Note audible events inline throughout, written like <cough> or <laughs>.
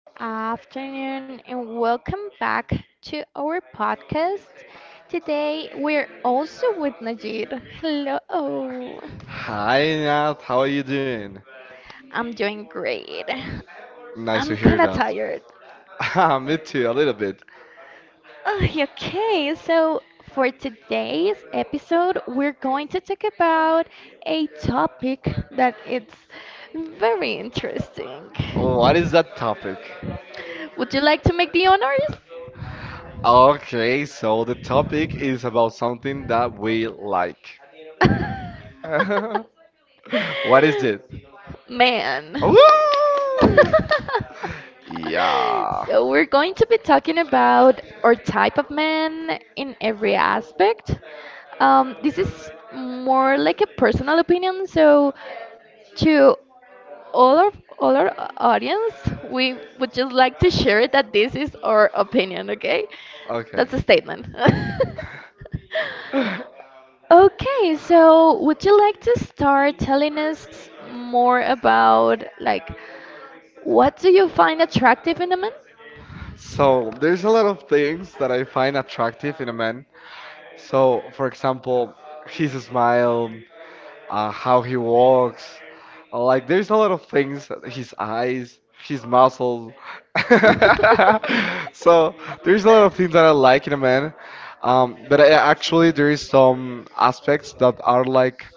good afternoon, and welcome back to our podcast. Today we're also with Najid. Hello. Hi, Nat. How are you doing? I'm doing great. Nice to I'm hear kind of that. tired. <laughs> Me too, a little bit. Okay, so for today's episode, we're going to talk about a topic that it's very interesting. Oh, what is that topic? Would you like to make the honors? Okay, so the topic <laughs> is about something that we like. <laughs> What is it? Man. <laughs> Woo! Yeah. So we're going to be talking about our type of man in every aspect. This is more like a personal opinion, so to all of all our audience, we would just like to share that this is our opinion, okay? That's Okay. a statement. <laughs> <laughs> Okay, so would you like to start telling us more about what do you find attractive in a man? So there's a lot of things that I find attractive in a man. So, for example, his smile, how he walks. Like there's a lot of things, his eyes, his muscles. <laughs> <laughs> So there's a lot of things that I like in a man. Actually, there is some aspects that are like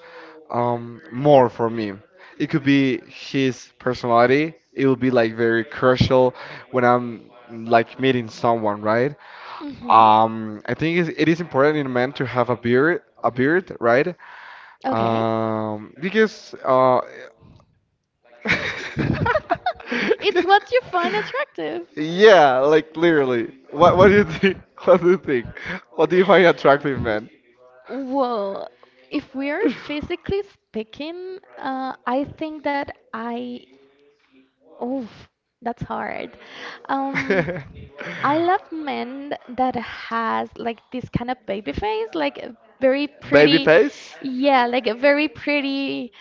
more for me. It could be his personality. It will be like very crucial when I'm like meeting someone, right? Mhm. I think it is important in a man to have a beard, right? Okay. Because <laughs> <laughs> It's what you find attractive. Yeah, like literally. What do you think? <laughs> What do you think? What do you find attractive, man? Well, if we are physically speaking, I think that I. Oof, that's hard. Um, <laughs> I love men that has like this kind of baby face, like a very Baby pretty, face? yeah, like a very pretty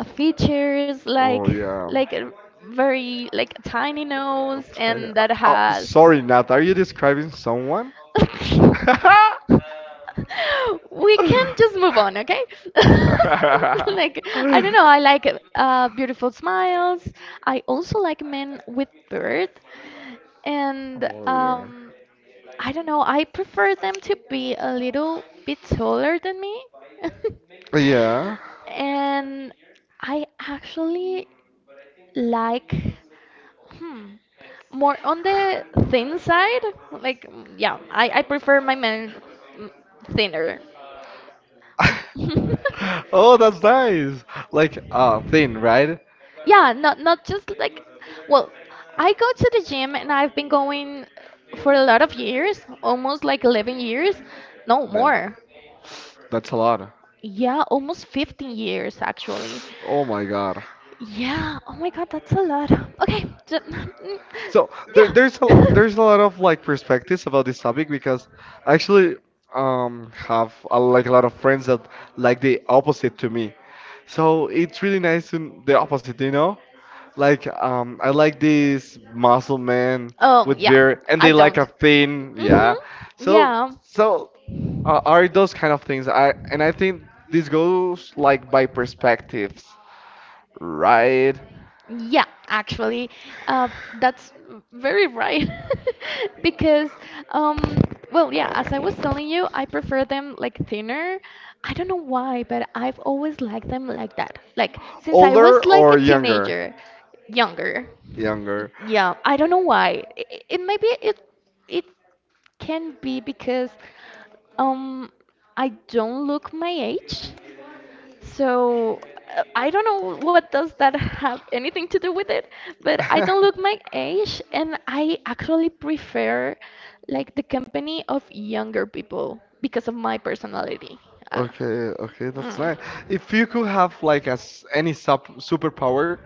features, like Oh yeah. like a very tiny nose, Okay. and that Oh, has. sorry, Nat. Are you describing someone? <laughs> We can just move on, okay? <laughs> Like, <laughs> I don't know, I like <laughs> beautiful smiles. I also like men with beard. And Oh yeah. I don't know, I prefer them to be a little bit taller than me. <laughs> Yeah. And I actually like. Hmm. more on the thin side, I prefer my men mm, thinner. <laughs> Mm. <laughs> Oh, that's nice. Like thin, right? Yeah, not just like, well, I go to the gym and I've been going for a lot of years, almost like 11 years, no Damn, more. that's a lot. Yeah, almost 15 years actually. Oh my God. Yeah. Oh my God, that's a lot. Okay. ju- <laughs> mm, So there, there's a Yeah. there's a lot <laughs> of like perspectives about this topic because I actually have like a lot of friends that like the opposite to me. So it's really nice to the opposite, you know? Like I like these muscle men Oh with yeah. their and I they like a don't. thin, Mhm. yeah. So Yeah. so are those kind of things. I think this goes like by perspectives, right? Yeah, actually, uh, that's very right. <laughs> Because, um, yeah, as I was telling you, I prefer them like thinner. I don't know why, but I've always liked them like that. Like, since I Older was like or a younger? teenager, younger. Younger. Yeah, I don't know why. It maybe it it can be because um I don't look my age. So I don't know what does that have anything to do with it, but I <laughs> don't look my age and I actually prefer like the company of younger people because of my personality. Uh, Okay, okay, that's mm. nice. If you could have like as any sub superpower,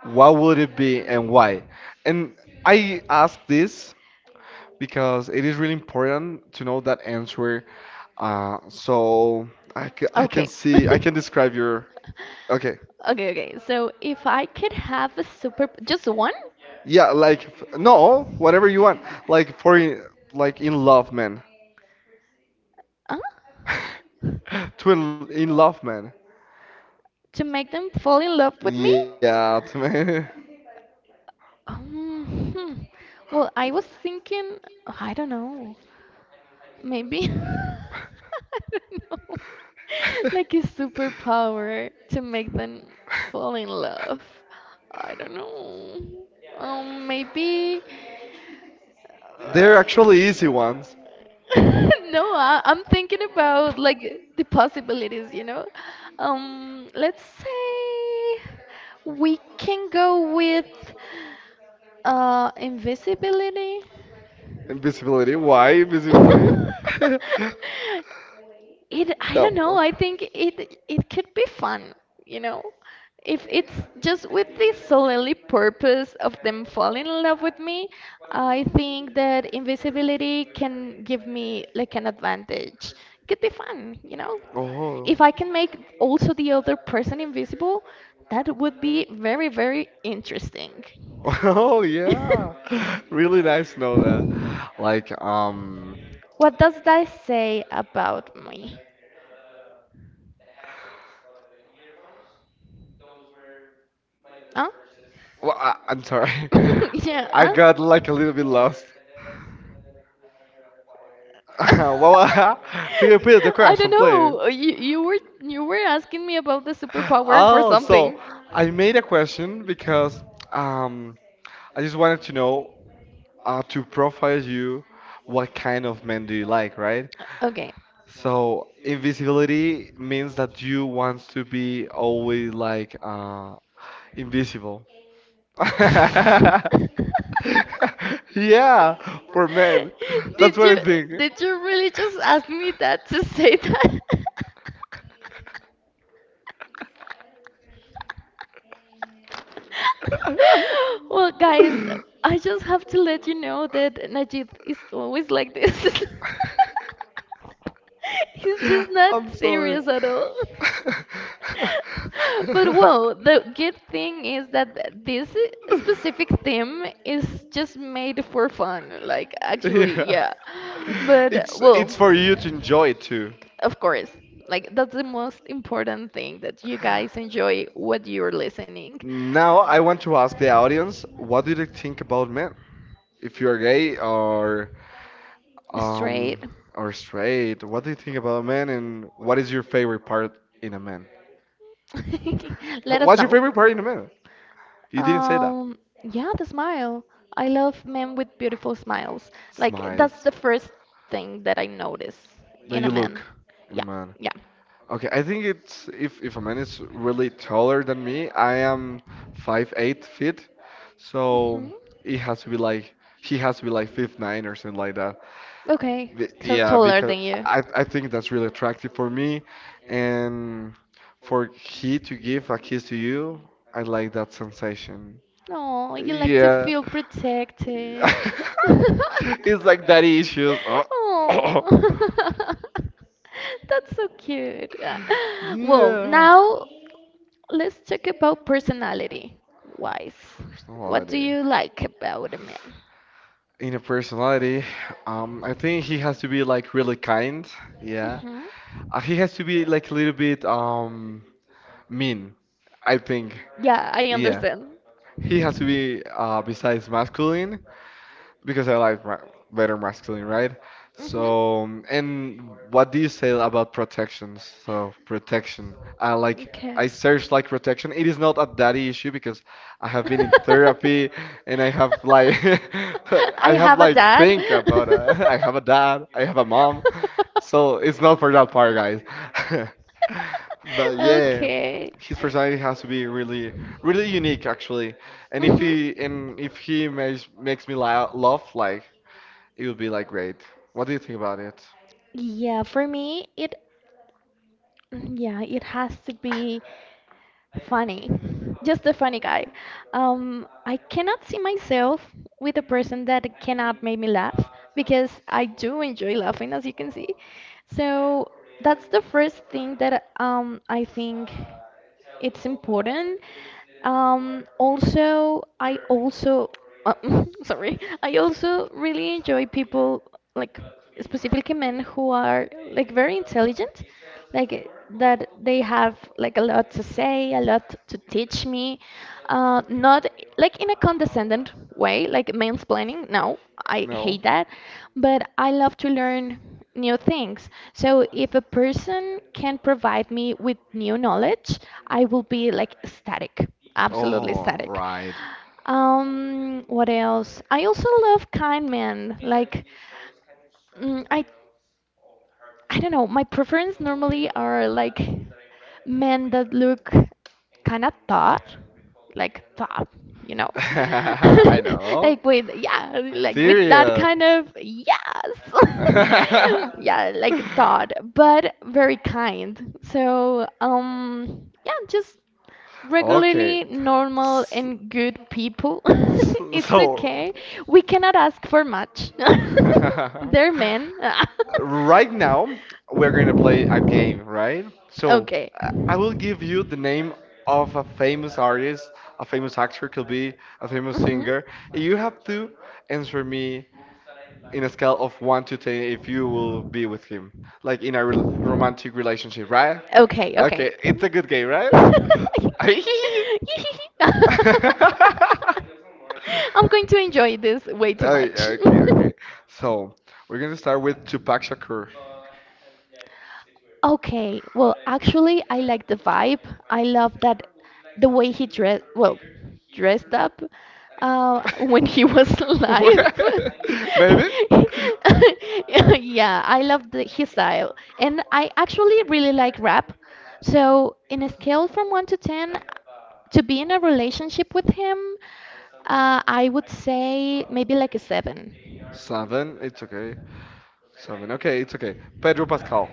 what would it be and why? And I ask this because it is really important to know that answer. Uh, so I can Okay. see, I can <laughs> describe your. Okay. Okay. So if I could have a super, just one? Yeah, like, no, whatever you want. Like, like, in love, man. Huh? <laughs> In love, man. To make them fall in love with me? Yeah, to me. Um, hmm. Well, I was thinking, I don't know, maybe, <laughs> I don't know, <laughs> <laughs> like a superpower to make them fall in love. I don't know. Maybe. They're actually easy ones. <laughs> no, I, I'm thinking about like the possibilities. Let's say we can go with invisibility. Invisibility. Why invisibility? <laughs> <laughs> <laughs> it I don't That know. part. I think it could be fun, you know, if it's just with the solely purpose of them falling in love with me. I think that invisibility can give me like an advantage. It could be fun. Oh. If I can make also the other person invisible, that would be very, very interesting. <laughs> Oh yeah, <laughs> really nice to know that. <laughs> Like What does that say about me? Huh? well, I'm sorry, <laughs> yeah, <laughs> I huh? got like a little bit lost. <laughs> <laughs> Well, <laughs> could you repeat the I don't question, please? know. You were asking me about the <laughs> superpower for Oh, so something. I made a question because um, I just wanted to know to profile you, what kind of men do you like, right? Okay. So invisibility means that you want to be always like invisible. <laughs> <laughs> Yeah, for men. did That's what you I think. did you really just ask me that to say that? <laughs> <laughs> Well, guys, I just have to let you know that Najib is always like this. <laughs> He's just <laughs> not I'm sorry. serious at all. <laughs> <laughs> But well, the good thing is that specific theme is just made for fun. Like, actually, Yeah. yeah. But well, It's for you to enjoy too. of course, like that's the most important thing that you guys enjoy what you're listening. Now I want to ask the audience, what do they think about men? If you're gay or Straight. um straight, what do you think about men and what is your favorite part in a man? <laughs> Let us What's your know. favorite part in a man? You didn't say that. Um, yeah, the smile. I love men with beautiful smiles. Like that's Smiles. the first thing that I notice That in a you look man. in a Yeah, man. yeah. Okay, I think it's if a man is really taller than me, I am 5'8", Mhm. so it has to be like he has to be like 5'9" or something like that. Okay, so Yeah, taller because than you. I think that's really attractive for me, and for he to give a kiss to you, I like that sensation. Oh, you like to Yeah. feel protected. <laughs> <laughs> It's like daddy issues. <coughs> Oh, <laughs> that's so cute. Well, Yeah. now let's talk about personality wise. What do you Personality. like about a man? In a personality, I think he has to be like really kind. Yeah. Mhm. He has to be like a little bit mean, I think. Yeah, I Yeah. understand. He has to be besides masculine, because I like ma better masculine, right? Mhm. So, and what do you say about protections? So, protection. Okay. I search like protection. It is not a daddy issue because I have been in <laughs> therapy and I have like <laughs> I I have have a like dad. think about <laughs> I have a dad, I have a mom. <laughs> So, it's not for that part, guys. <laughs> But <laughs> yeah, Okay. his personality has to be really unique actually. And if Mhm. he and if he makes me la laugh, like it would be like great. What do you think about it? Yeah, for me, it yeah, it has to be funny. Just a funny guy. I cannot see myself with a person that cannot make me laugh because I do enjoy laughing, as you can see. So that's the first thing that I think. It's important. I also, <laughs> sorry, I also really enjoy people like specifically men who are like very intelligent, like that they have like a lot to say, a lot to teach me, not like in a condescendent way, like mansplaining. No, I No? hate that, but I love to learn new things. So if a person can provide me with new knowledge, I will be like static, absolutely Oh, static. right. What else? I also love kind men. Like, mm, I I don't know. My preference normally are like men that look kind of tough, like tough, you know, <laughs> I <laughs> know. Like with that Tyrion. kind of yes, <laughs> yeah, <laughs> like thought, but very kind. So yeah, just Okay. regularly normal S- and good people. <laughs> It's So, okay. We cannot ask for much. <laughs> They're <laughs> men. <laughs> right now, we're going to play a game, right? So, Okay. I will give you the name of a famous artist, a famous actor, could be a famous Mhm. singer. You have to answer me in a scale of 1 to 10 if you will be with him, like in a rel romantic relationship, right? Okay, Okay, it's a good game, right? <laughs> right? <laughs> <laughs> I'm <laughs> going <laughs> to enjoy this way too. Oh, yeah, okay, <laughs> okay. So we're gonna start with Tupac Shakur. <laughs> Okay, well, actually, I like the vibe. I love that the way he dressed, well, dressed up when he was <laughs> alive. What? Maybe? <laughs> Yeah, I love his style. And I actually really like rap. So, in a scale from 1 to 10, to be in a relationship with him, I would say maybe like a 7. Seven, it's okay. Seven, okay, it's okay. Pedro Pascal.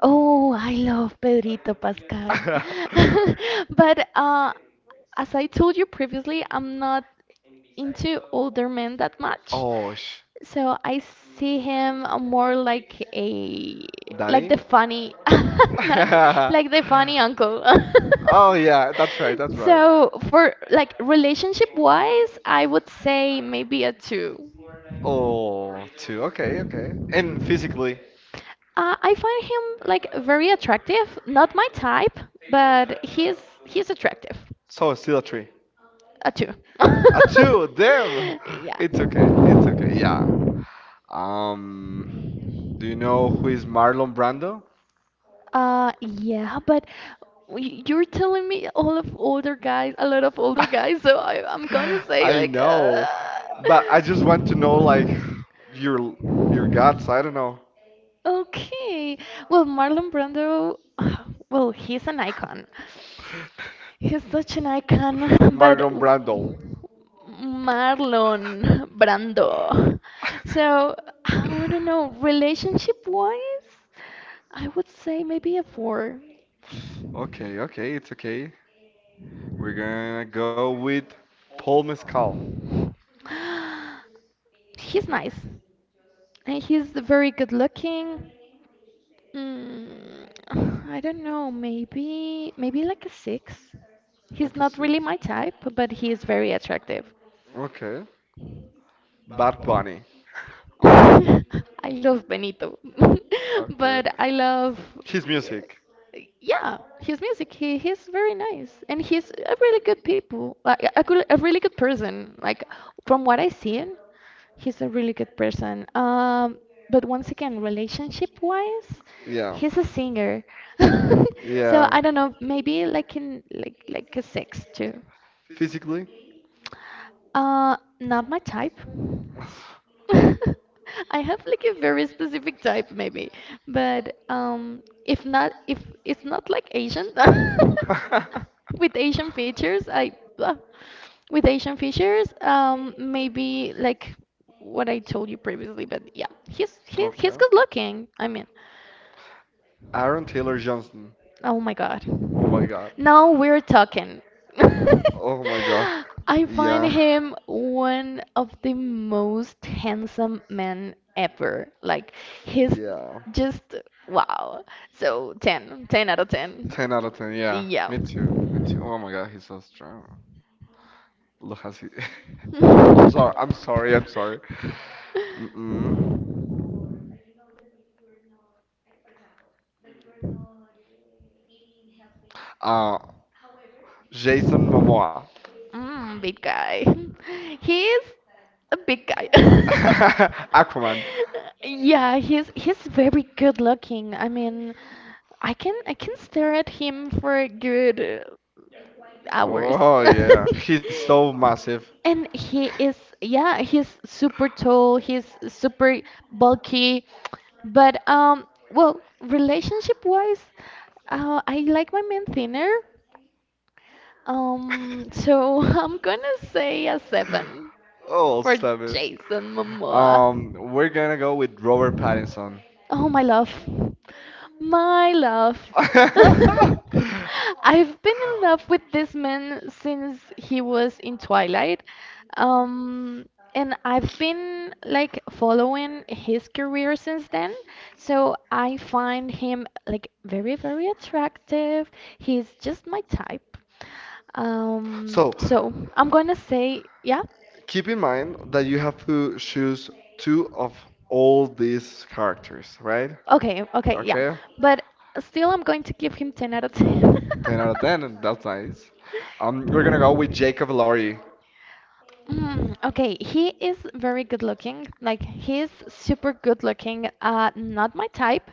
Oh, I love Pedrito Pascal. <laughs> <laughs> But as I told you previously, I'm not into older men that much. Oh, sh So I see him more like a like daddy? the <laughs> funny <laughs> not, like the funny uncle. <laughs> Oh yeah, that's right, that's right. So for like relationship wise, I would say maybe a two. Oh, two. Okay, okay. And physically, I find him like very attractive. Not my type, but he's attractive. so it's still a three. A two. A <laughs> two. Damn. <laughs> Yeah. It's okay. It's okay. Yeah. Um. Do you know who is Marlon Brando? Yeah, but you're telling me all of older guys, a lot of older guys, so I, <laughs> I'm gonna I say like, know, but I just want to know like <laughs> your your guts. I don't know. Okay. Well, Marlon Brando, <sighs> well, he's an icon. <laughs> He's such an icon, <laughs> but Marlon Brando. Marlon Brando. <laughs> So I don't know, relationship wise, I would say maybe a four. Okay, okay, it's okay. We're gonna go with Paul Mescal. <gasps> He's nice, and he's very good looking. Mm, <sighs> I don't know, maybe like a six. Like He's a not six. really my type, but he is very attractive. Okay. Bad Bunny. <laughs> I love Benito, <laughs> but Okay. I love. His music. Yeah, his music. He's very nice, and he's a really good people, like a really good person. Like from what I seen, he's a really good person. But once again, relationship wise, Yeah. he's a singer. <laughs> So Yeah. I don't know, maybe like in like like a six too. Physically. Not my type. <laughs> <laughs> I have like a very specific type maybe, but if not if it's not like Asian <laughs> with Asian features, I with Asian features, maybe like what I told you previously, but yeah, he's Okay. good looking. I mean, Aaron Taylor Johnson. oh my God. Oh my God. Now we're talking. <laughs> Oh my God. I find Yeah. him one of the most handsome men ever. Like he's Yeah. just wow. So 10, 10 out of 10. 10 out of 10, yeah. Me Yeah. too. Me too. Oh my God, he's so strong. Look at he. <laughs> I'm sorry. I'm <laughs> sorry. I'm sorry. Mm-mm. Uh, Jason Momoa. Big guy. <laughs> He's a big guy. <laughs> <laughs> <laughs> Aquaman. Yeah, he's very good looking. I mean, I can stare at him for a good hours. Oh yeah, he's <laughs> so massive. And he is, yeah, he's super tall, he's super bulky, but well, relationship wise, I like my men thinner, so <laughs> I'm gonna say a seven Oh, for stop it. Jason Momoa. We're gonna go with Robert Pattinson. Oh, my love. My love. <laughs> <laughs> I've been in love with this man since he was in Twilight. Um, and I've been like following his career since then. So I find him like very, very attractive. He's just my type. So, So I'm gonna say, yeah, keep in mind that you have to choose two of all these characters, right? Okay, yeah. Okay? But still, I'm going to give him 10 out of 10. 10 out of 10, that's nice. We're gonna go with Jacob Laurie. <laughs> Okay, he is very good looking. Like he's super good looking. Not my type.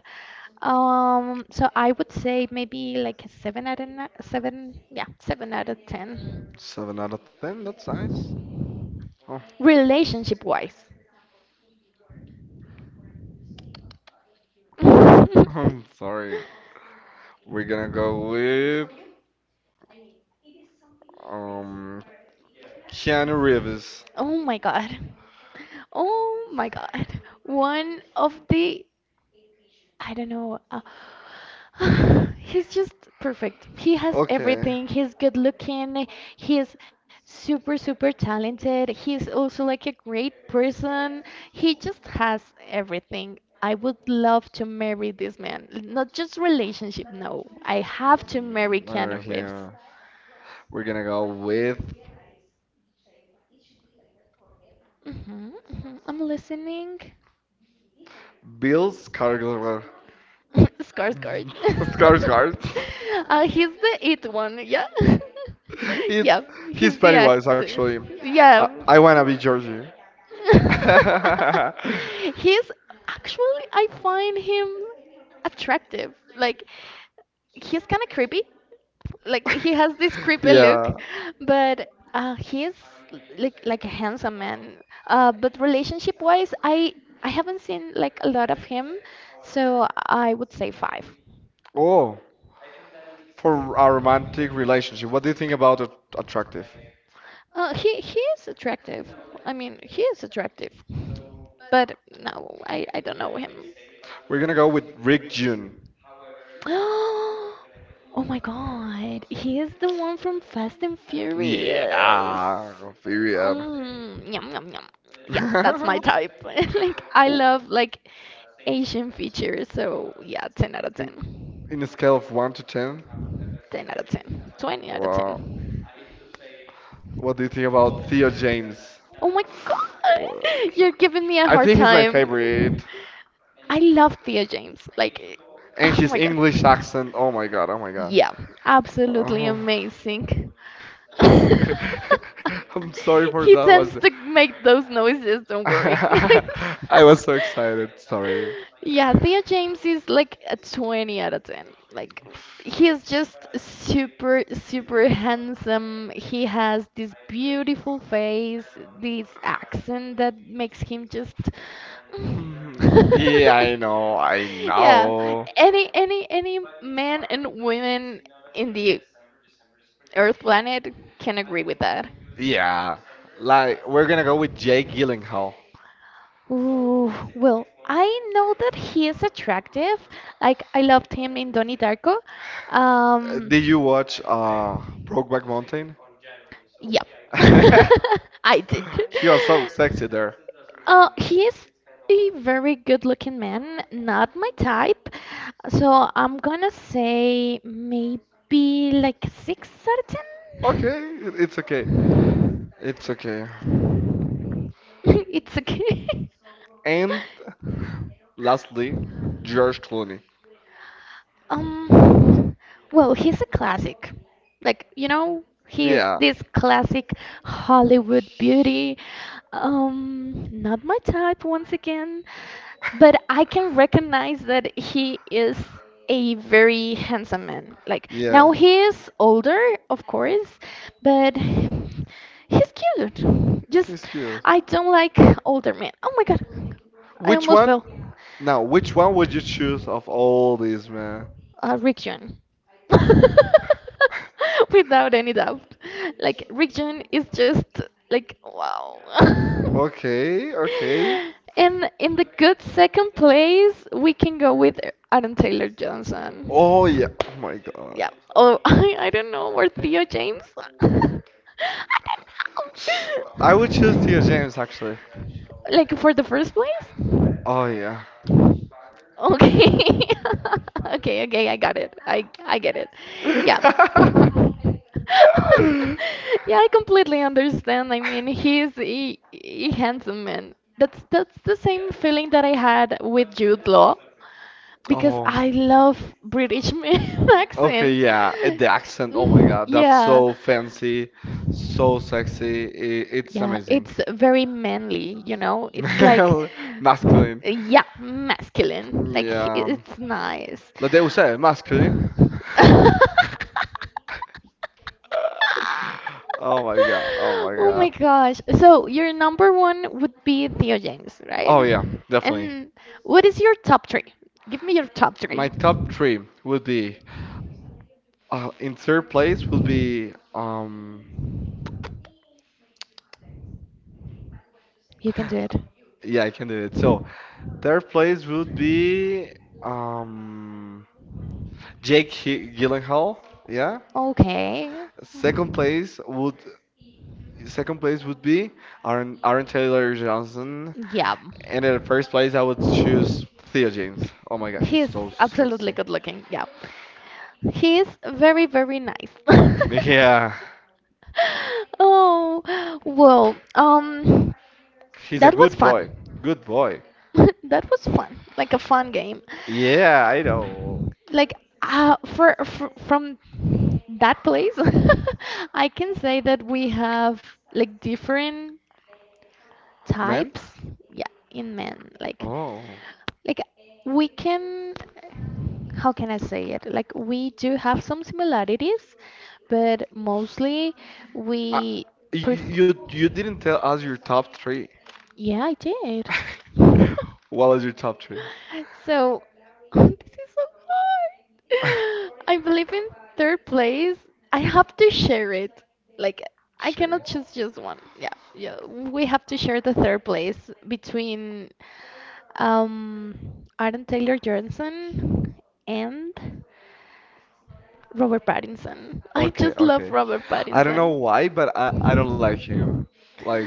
So I would say maybe like a seven out of ni- seven, yeah, seven out of ten. 7 out of 10, that's nice. Oh, Relationship wise. <laughs> I'm <laughs> sorry. We're gonna go with um Keanu Reeves. Oh my God. Oh my God. One of the I don't know. <sighs> He's just perfect. He has Okay. everything. He's good looking. He's super, super talented. He's also like a great person. He just has everything. I would love to marry this man. Not just relationship, no. I have to marry Mm, over Keanu Reeves. here. We're gonna go with Hmm hmm I'm listening. Bill Skarsgård. <laughs> Skarsgård. <laughs> <laughs> Skarsgård. <laughs> He's the it one, yeah? <laughs> It's yeah, he's He's the Pennywise actor. actually. Yeah. I wanna be <laughs> Georgie. <laughs> he's actually, I find him attractive. Like, he's kind of creepy. Like, he has this creepy look, Yeah. but he's like a handsome man. But relationship wise, I haven't seen like a lot of him, so I would say five. Oh, for a romantic relationship, what do you think about attractive? He is attractive. I mean, he is attractive, but no, I don't know him. We're gonna go with Rick June. <gasps> Oh my God, he is the one from Fast and Furious. Yeah, period. Yum yum yum. Yeah, that's my <laughs> type. <laughs> Like I love like Asian features, so yeah, 10 out of In 10. in a scale of one to ten, 10 out of 10. 20 out of wow. 10. What do you think about Theo James? Oh my God, Oh, <laughs> okay. you're giving me a I hard think he's my time. favorite. I love Thea James. Like, <laughs> And oh his my God. English accent. Oh my God, oh my God. Yeah, absolutely Oh. amazing. <laughs> <laughs> I'm sorry for He that. Was tends to make those noises, <laughs> don't worry, guys. <laughs> I was so excited. Sorry. Yeah, Theo James is like a 20 out of 10. Like, he's just super, super handsome. He has this beautiful face, this accent that makes him just. <laughs> Mhm. Yeah, I <laughs> know. I Yeah, know. any man and women in the Earth planet can agree with that. Yeah, like we're gonna go with Jake Gyllenhaal. Ooh, well, I know that he is attractive. Like I loved him in Donnie Darko. <laughs> Um, did you watch Brokeback Mountain? Yep. <laughs> I did. <laughs> He was so sexy there. He is a very good-looking man, not my type. So I'm gonna say maybe like six certain. <laughs> Okay, it's okay. It's okay. It's okay. And <laughs> lastly, George Clooney. Um, well, he's a classic. Like, you know, he is Yeah, this classic Hollywood beauty. Not my type once again, but I can recognize that he is a very handsome man. Like, yeah, now he is older, of course, but he's cute. Just, he's cute. I don't like older men. Oh my God, I Which almost one? fell. Now, which one would you choose of all these, man? Rick John. <laughs> Without any doubt. Like, Rick John is just like, wow. <laughs> Okay, okay. And in the good second place, we can go with Aaron Taylor Oh yeah. Johnson. Oh my God. Yeah. Oh, <laughs> I don't know. Or Theo James. <laughs> I don't know. I would choose Tia James actually. <laughs> Like, for the first place? Oh yeah. Okay. <laughs> Okay, okay, I got it. I get it. Yeah. <laughs> <laughs> Yeah, I completely understand. I mean, he's a handsome man. That's the same feeling that I had with Jude Law because Oh, I love British men <laughs> okay, accent. yeah. And the accent, oh my Mm, God, that's yeah. so fancy, so sexy. It's Yeah, amazing. it's very manly. <laughs> It's like, Male, masculine. yeah, masculine. Like Yeah, it's nice. la Deus Ex, masculine. <laughs> <laughs> Oh my God, oh my Oh God. my gosh. So your number one would be Theo James, right? Oh yeah, definitely. And what is your top three? Give me your top three. My top three would be in third place would be You can do it. yeah, I can do it. So third place would be um Jake Gyllenhaal. Yeah. Okay. Second place would Second place would be Aaron Taylor Johnson, Yeah. and in first place I would choose Theo James. Oh my God, he's He's so absolutely sexy. good looking. Yeah. He's very, very nice. Yeah, <laughs> Oh, well, he's a that was good fun. boy. Good boy. <laughs> That was fun. Like a fun game. Yeah, I know. Like for from that place, <laughs> I can say that we have like different Man? types. Yeah, in men. Like Oh. like we can how can I say it? Like we do have some similarities, but mostly Uh, we prefer. You didn't tell us your top three. Yeah, I did. <laughs> What was your top three? So, <laughs> this is so <laughs> hard. I believe in third place. I have to share it. Like, I cannot Sure. choose just one. Yeah, yeah. We have to share the third place between um, Adam Taylor Johnson, and Robert Pattinson. <laughs> I Okay, just love okay. Robert I don't know Pattinson. why, but I don't like him. Like,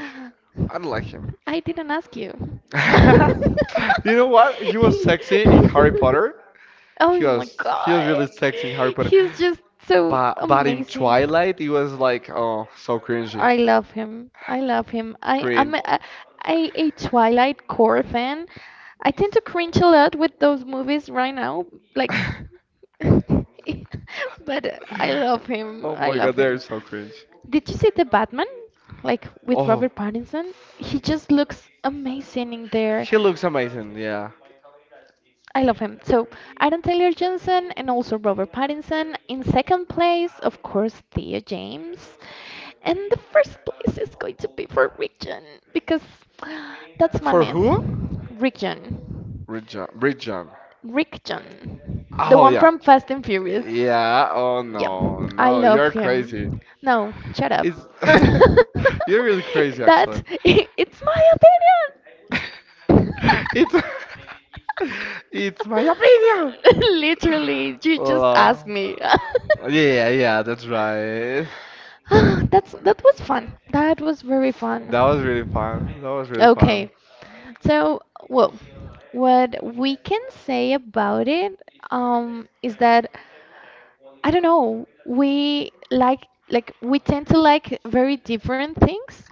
I don't like him. I didn't ask you. <laughs> You know what? He was sexy in Harry <laughs> Potter. Oh my He was god. really sexy in Harry Potter. He's just so But in amazing. Twilight, he was like, oh, so cringy. I love him. I love him. I am Cringe. a Twilight core fan. I tend to cringe a lot with those movies right now. Like, <laughs> <laughs> but I love him. Oh I my love God, they're him. so cringe. Did you see the Batman? Like with Oh, Robert Pattinson? He just looks amazing in there. she looks amazing. Yeah. I love him. So Adam Taylor Johnson and also Robert Pattinson. In second place, of course, Thea James. And the first place is going to be for Rick John because that's my For who? man. Rick John. Bridget. Bridget. Rick John. The Oh one yeah. from Fast and Furious. Yeah. Oh Yeah, no, I no, love you're crazy. him. No, shut up. It's <laughs> you're really <laughs> crazy, That's actually. it, it's my opinion. <laughs> It's <laughs> it's my opinion. <laughs> Literally, you just asked Wow. me. <laughs> Yeah, yeah, that's right. Ah, that was fun. That was very That was really fun. fun. That was really fun. Okay. So, well, what we can say about it is that I don't know. We like we tend to like very different things.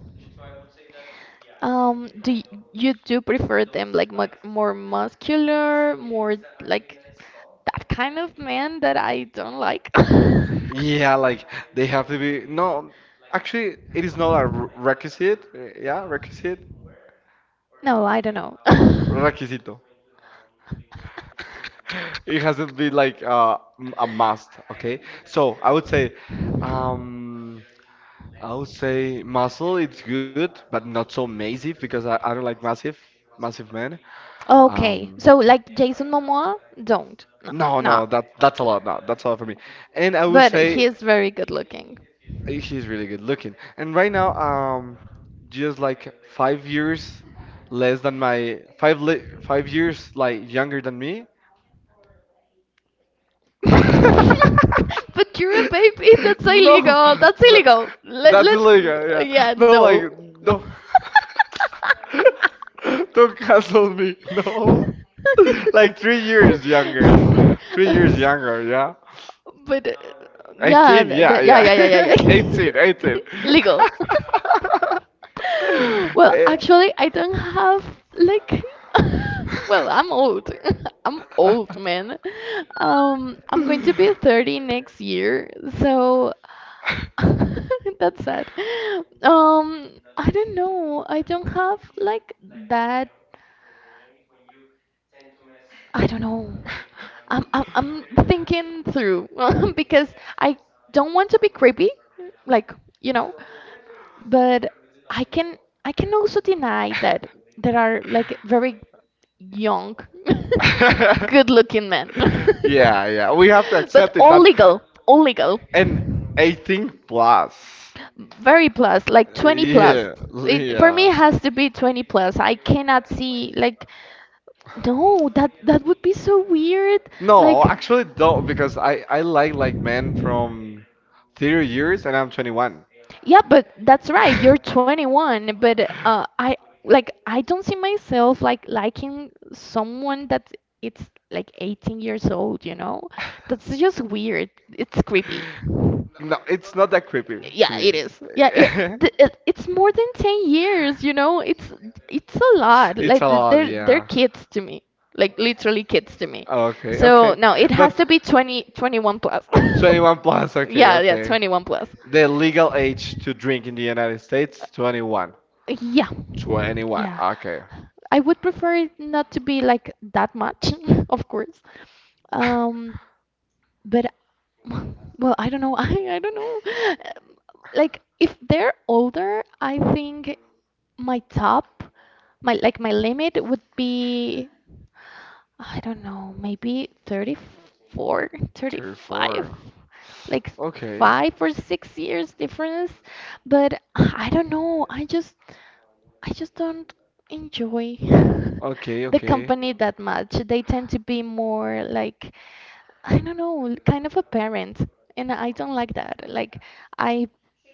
Do you do prefer them like mu more muscular, more like that kind of man that I don't like? <laughs> Yeah, like they have to be. No, actually, it is not a requisite. Yeah, requisite. No, I don't know. <laughs> Requisito. <laughs> It hasn't been like a must. Okay, so um, I would say muscle. It's good, but not so massive because I don't like massive men. Okay, Um, so like Jason Momoa, don't. No, No, no. no, that that's a lot. No, that's a lot for me. And I would But say he is very good looking. he's really good looking. And right now, just like five <laughs> years less than my 5 years like younger than me. <laughs> But you're a baby. That's No, no, illegal. That's tha- illegal. Let, that's let's. illegal. Yeah, Yeah, no, like no. don't <laughs> don't cancel me. No, <laughs> like 3 years younger, 3 years <laughs> younger. Yeah. But yeah, 18, yeah, that, yeah, yeah, yeah, yeah, yeah. <laughs> 18, 18. yeah. <laughs> Legal. <laughs> <laughs> Well, Eh, actually, I don't have like. <laughs> Well, I'm old. <laughs> I'm old, man. I'm going to be 30 next year, so <laughs> that's sad. I don't know. I don't have like that I don't know. I'm thinking through <laughs> because I don't want to be creepy, like, you know, but I can I can also deny that there are like very young, <laughs> good-looking men. <laughs> yeah, <laughs> yeah. We have to But accept it, all but legal, all legal. and 18 plus. Very plus, like 20 plus. Yeah, It for me it yeah. has to be 20 plus. I cannot see like no, that would be so weird. Like, No, actually don't because I like men from 30 years and I'm 21. yeah, but that's right. You're <laughs> 21, but I don't see myself like liking someone that it's like 18 years old, you know? That's just weird. It's creepy. No, it's not that creepy to Yeah, me. it is. Yeah, it, <laughs> th it it's more than 10 years, you know? It's a lot. It's a Like lot, they're yeah. kids to me like literally kids to me. Okay, So okay. no, it has But to be twenty twenty one plus. 21 plus, <laughs> okay, Yeah, yeah, okay. 21 plus. The legal age to drink in the United States, 21. Yeah. 21, Yeah. okay. I would prefer it not to be like that much, <laughs> of course. <laughs> Um, but <laughs> well, I don't know. <laughs> I don't know. Like if they're older, I think my top, my like my limit would be I don't know, maybe 34, Tier 35, 4. like Okay. 5 or 6 years difference. But I don't know, I just don't enjoy Okay, <laughs> the okay. company that much. They tend to be more like I don't know, kind of a parent, and I don't like that. Like I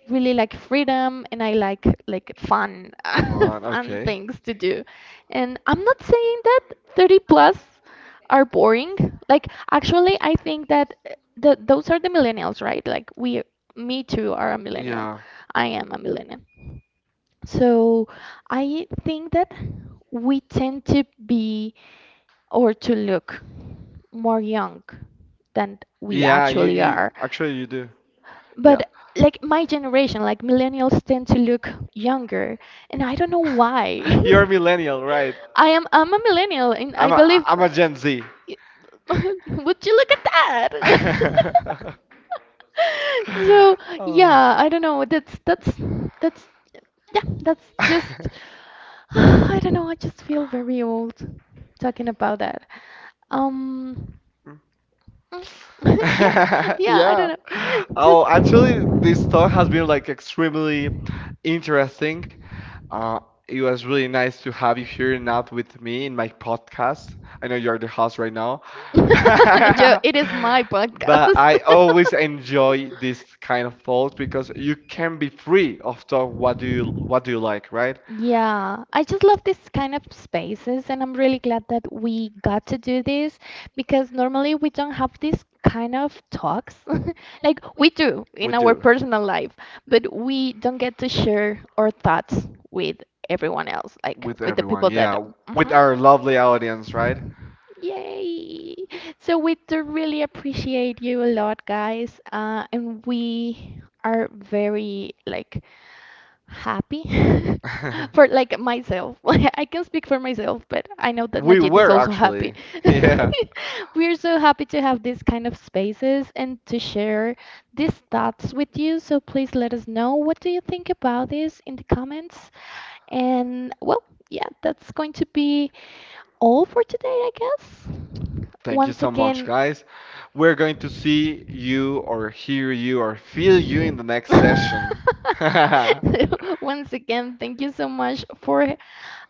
really like freedom and I like fun <laughs> Fun. fun Okay. things to do. And I'm not saying that 30 plus are boring. Like actually I think that the those are the millennials, right? Like we me too are a millennial. Yeah. I am a millennial. So I think that we tend to be or to look more young than we Yeah, actually you are. actually you do. Yeah. But like my generation, like millennials tend to look younger, and I don't know why. <laughs> You're a millennial, right? <laughs> I'm a millennial, and I believe. I'm a Gen Z. <laughs> Would you look at that? <laughs> <laughs> <laughs> So Oh. yeah, I don't know. That's yeah, that's just <laughs> <sighs> I don't know. I just feel very old talking about that. Um, Mm. <laughs> Yeah, yeah, I don't Yeah. know. Oh, actually, Just. this talk has been like extremely interesting. Uh, it was really nice to have you here and not with me in my podcast. I know you're the host right now. <laughs> Joe, <laughs> it is my podcast. But I <laughs> always enjoy this kind of talk because you can be free of talk what do you like, right? Yeah, I just love this kind of spaces, and I'm really glad that we got to do this because normally we don't have this kind of talks. <laughs> Like we do in We our do. personal life, but we don't get to share our thoughts with everyone else, like With with the everyone, people that. yeah. With Yeah. our lovely audience, right? Yay! So we do really appreciate you a lot, guys, and we are very like happy <laughs> for like <laughs> myself. <laughs> I can speak for myself, but I know that We Najid is were also happy. actually. <laughs> Yeah. <laughs> We're so happy to have these kind of spaces and to share these thoughts with you. So please let us know what do you think about this in the comments. And well, yeah, that's going to be all for today, I guess. Thank you Once so much, again, guys. We're going to see you or hear you or feel you in the next session. <laughs> <laughs> Bye once again, thank you so much for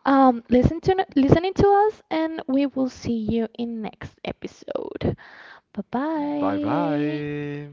listening to us and we will see you in next episode. Bye bye. bye.